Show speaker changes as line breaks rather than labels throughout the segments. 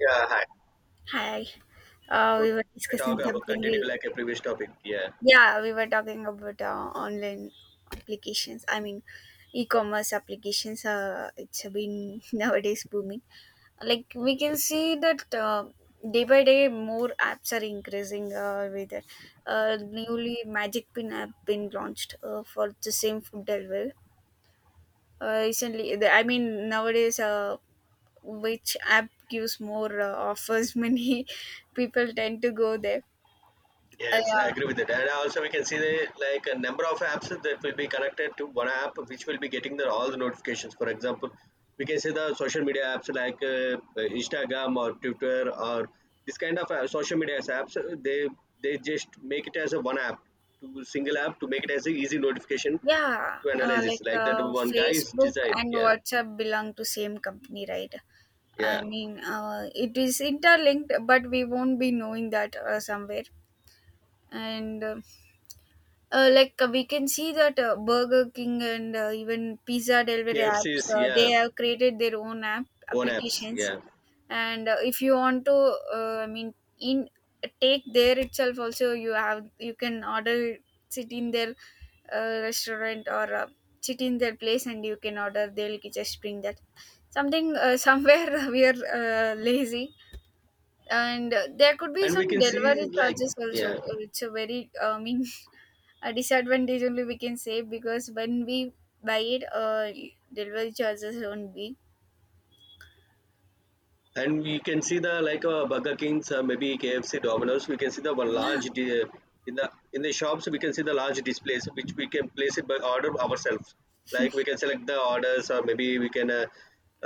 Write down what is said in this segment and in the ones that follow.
Yeah, hi.
Hi.
So
We were
I
discussing
talk about
something.
continue like a previous topic. Yeah,
Yeah, we were talking about online applications. I mean, e-commerce applications. It's been nowadays booming. Like we can see that day by day, more apps are increasing. With it. Newly Magic Pin app been launched for the same food delivery. Recently, I mean, nowadays, which app gives more offers? Many people tend to go there. Uh,
yes, I
yeah,
agree with that. And also we can see the like a number of apps that will be connected to one app, which will be getting the all the notifications. For example, we can see the social media apps like Instagram or Twitter or this kind of social media apps. They just make it as a one app to single app to make it as a easy notification
yeah,
to analyze this
like
like that one guy's
Facebook
design.
and
Yeah,
WhatsApp belong to same company, right? I
yeah.
mean, it is interlinked, but we won't be knowing that somewhere. And like we can see that Burger King and even pizza delivery apps,
KFC's,
they
yeah,
have created their own app
own apps.
applications.
Yeah.
And if you want to I mean in take there itself also you can order, sit in their restaurant, or sit in their place and you can order, they'll just bring that something. Somewhere we are lazy, and there could be
And
some
we can
delivery
see like,
charges also.
yeah,
It's a very a disadvantage only, we can say, because when we buy it, delivery charges won't be.
and we can see the like burger kings, maybe kfc domino's, we can see the one
Yeah.
large in the in the shops we can see the large displays which we can place it by order ourselves, like we can select the orders or maybe we can uh,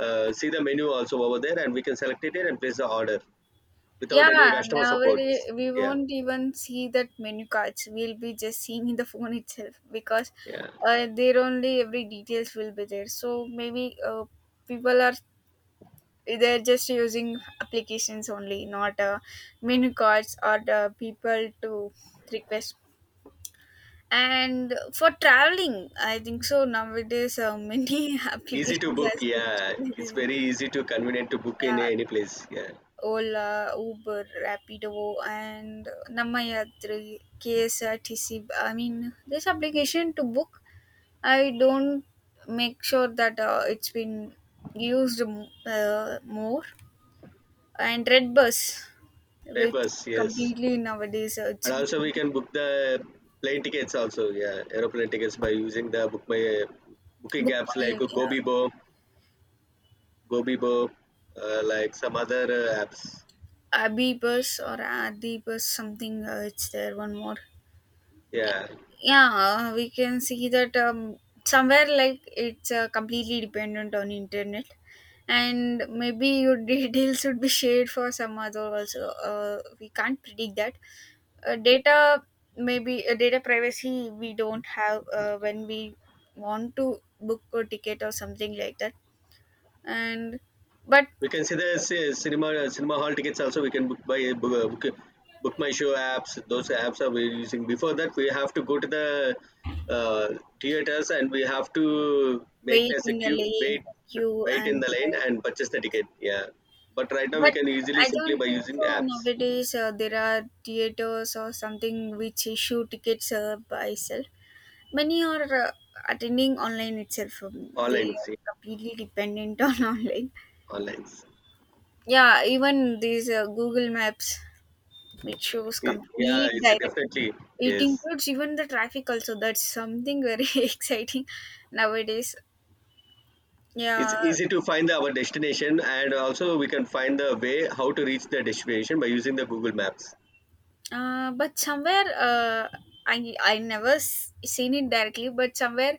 uh, see the menu also over there and we can select it and place the order without any
Yeah,
customer
now
support.
we
Yeah.
won't even see that menu cards. We'll be just seeing in the phone itself, because
Yeah,
there only every details will be there. So maybe people are, they're just using applications only, not menu cards or the people to request. And for traveling, I think so nowadays many
easy to
applications
book,
has
yeah, it's
been.
very easy to convenient to book in
Yeah,
any place, yeah,
Ola, Uber, Rapido, and namayatri, ksrtc. I mean, this application to book, I don't make sure that it's been used more. And redbus,
that
which
was, yes.
completely nowadays it's
And also we
been
can book the plane tickets also. Yeah, aeroplane tickets by using the book my booking
booked by
apps like
uh,
Gobibo, Gobibo, like some other apps.
Abhi bus or Adi bus, something it's there one more.
Yeah,
Yeah, we can see that somewhere, like it's completely dependent on internet, and maybe your details should be shared for some other also. We can't predict that uh, data data privacy we don't have when we want to book a ticket or something like that. And but
we can see the cinema hall tickets also. We can book by book my show apps. Those apps are we using. Before that, we have to go to the uh, theaters and we have to make
wait
as a
in the
queue
lane
wait,
queue.
wait in
And
the line and purchase the ticket. Yeah, but right now we
but
can easily
I
simply
don't
by
think
using
so
apps.
nowadays there are theaters or something which issue tickets by itself. Many are attending online itself. They
Online,
are
see,
completely dependent on online.
online.
Yeah, even these Google Maps, it shows
Y- Yeah,
complete
it's
direction.
definitely,
It
yes.
includes even the traffic also. That's something very exciting nowadays.
It's
Yeah.
easy to find our destination, and also we can find the way how to reach the destination by using the Google Maps.
But somewhere I never seen it directly, but somewhere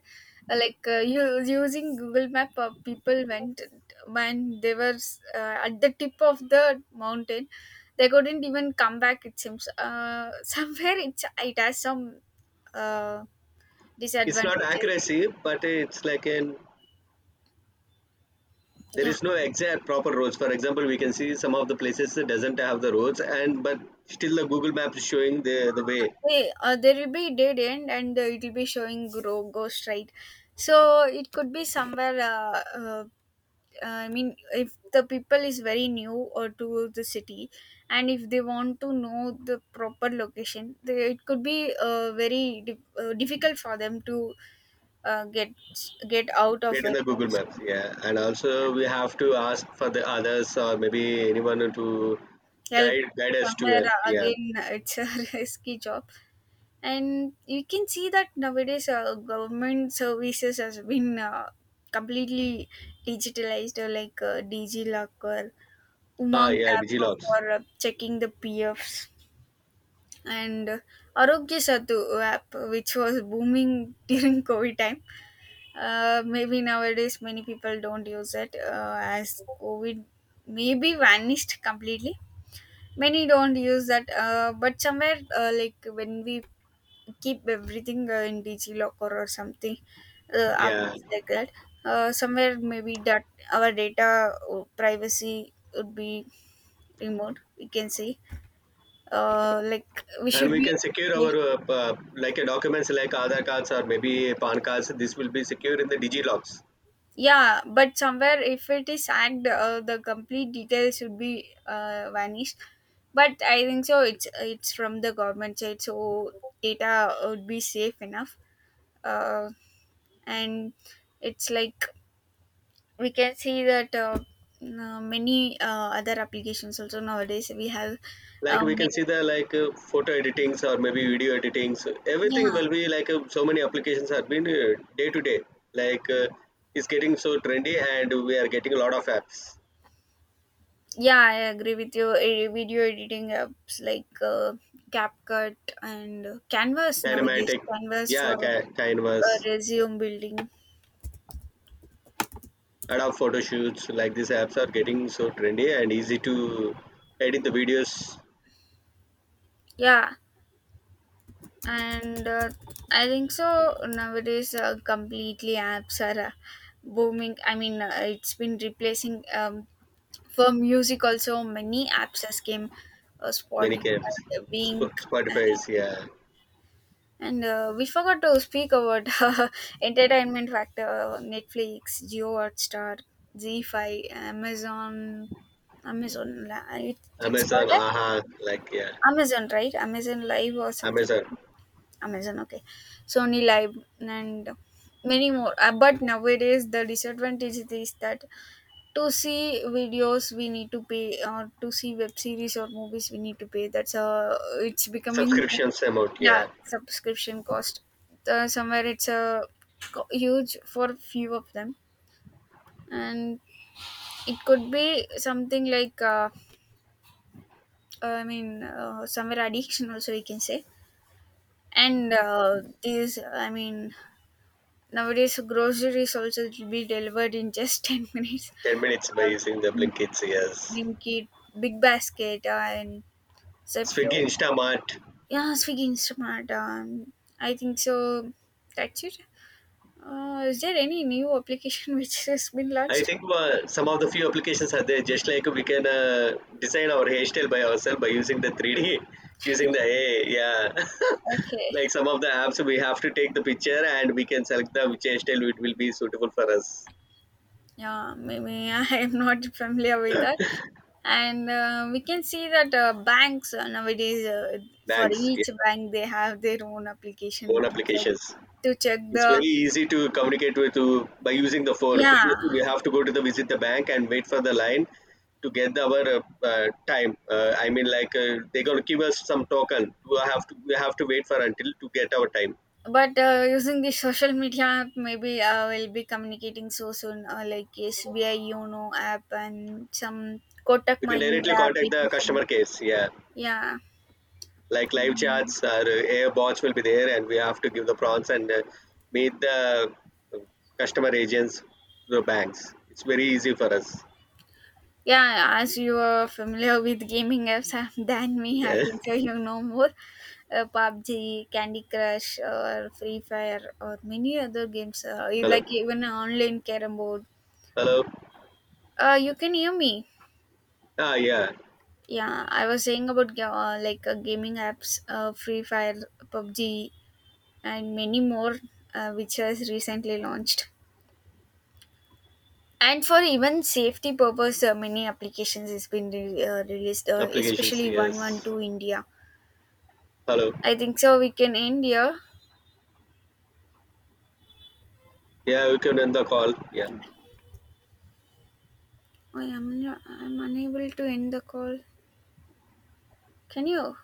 you using Google Map, people went when they were at the tip of the mountain, they couldn't even come back. It seems somewhere it has some uh,
It's not
disadvantages.
accuracy, but it's like an, there
Yeah,
is no exact proper roads. For example, we can see some of the places that doesn't have the roads, and but still the Google Map is showing the way.
there will be dead end and it will be showing grow ghost, right. So it could be somewhere I mean, if the people is very new or to the city, and if they want to know the proper location, it could be very difficult for them to uh, get get out of
Right in
it.
the Google
So
Maps, yeah. And also we have to ask for the others or maybe anyone to
help,
guide us to
somewhere
it. Yeah.
again, it's a risky job, and you can see that nowadays government services has been completely digitalized, DigiLocker,
Ah,
Umang
yeah,
app
DigiLockers.
for checking the PFs, and Arogya Setu app, which was booming during COVID time. Maybe nowadays many people don't use it as COVID maybe vanished completely. Many don't use that, but somewhere like when we keep everything in DigiLocker or something,
Yeah,
apps like that. Somewhere maybe that our data privacy would be removed, we can say, like we
and
should
we
be.
can secure our like documents like Aadhaar cards or maybe PAN cards. This will be secure in the DigiLockers.
Yeah, but somewhere if it is hacked, the complete details should be vanished. But I think so it's from the government side, so data would be safe enough. uh, and it's like we can see that many other applications also nowadays we have.
Like we
um,
can see the like photo editings or maybe video editings. Everything
yeah.
will be like so many applications have been day to day. Like it's getting so trendy, and we are getting a lot of apps.
Yeah, I agree with you. Eh, video editing apps like capcut and canvas, nowadays
Kinematic,
canvas
yeah,
for
Canvas,
resume building.
Adobe Photoshoots. Like these apps are getting so trendy and easy to edit the videos.
Yeah. And I think so nowadays completely apps are booming. I mean, it's been replacing. For music also, many apps has came.
Many
Spotify,
games. Sp-
wink.
Spotify is, yeah.
And we forgot to speak about entertainment factor. Netflix, geo, hotstar, Z5, amazon. It, it's
Amazon,
called as
aha, like, yeah.
amazon, right? Amazon live or something.
Amazon
Amazon, okay, Sony Live, and many more. But nowadays, the disadvantage is that to see videos we need to pay, or to see web series or movies we need to pay. That's a, it's becoming,
subscriptions amount, yeah.
yeah, subscription cost. Somewhere it's a huge for few of them, and it could be something like somewhere addiction also, we can say. And I mean, nowadays, groceries also it will be delivered in just 10 minutes.
10 minutes by
Or
using the
in
Blinkits, yes.
Blinkit, Big Basket, and
Swiggy,
Zepto.
Instamart.
Yeah, Swiggy Instamart. I think so. That's it. Is there any new application which has been
I
launched?
think some of the few applications are there. Just like we can design our hairstyle by ourselves by using the three D, using the A. I. Yeah.
Okay.
Like some of the apps, we have to take the picture and we can select the which hairstyle it will be suitable for us.
Yeah, maybe I am not familiar with that. And we can see that banks nowadays, for
Thanks. Yeah.
each bank, they have their own application
Own
to check,
applications.
to check
It's very
the.
easy to communicate with to by using the phone.
Yeah,
Previously, we have to go to the visit the bank and wait for the line to get the, our time. I mean, like they're gonna give us some token. We have to wait for until to get our time.
but using the social media, maybe I will be communicating so soon, like SBI Yono app and some Kotak
You can directly
Mahindra
contact the
application.
customer case. Yeah,
Yeah.
like live
I-
chats or air bots will be there, and we have to give the prompts and meet the uh, customer agents, the banks. It's very easy for us.
yeah, as you are familiar with gaming apps than me, I
Yeah.
think so you know more. PUBG, Candy Crush, or Free Fire, or many other games. You
Hello.
like even online carom board.
Hello.
You can hear me.
Ah, yeah.
Yeah, I was saying about gaming apps, Free Fire, PUBG, and many more, which was recently launched. And for even safety purpose, many applications has been released,
Applications.
especially one one
Yes.
two India.
Hello.
I think so. We can end here.
Yeah, we can end the call. Yeah.
Yeah. I am unable to end the call. Can you?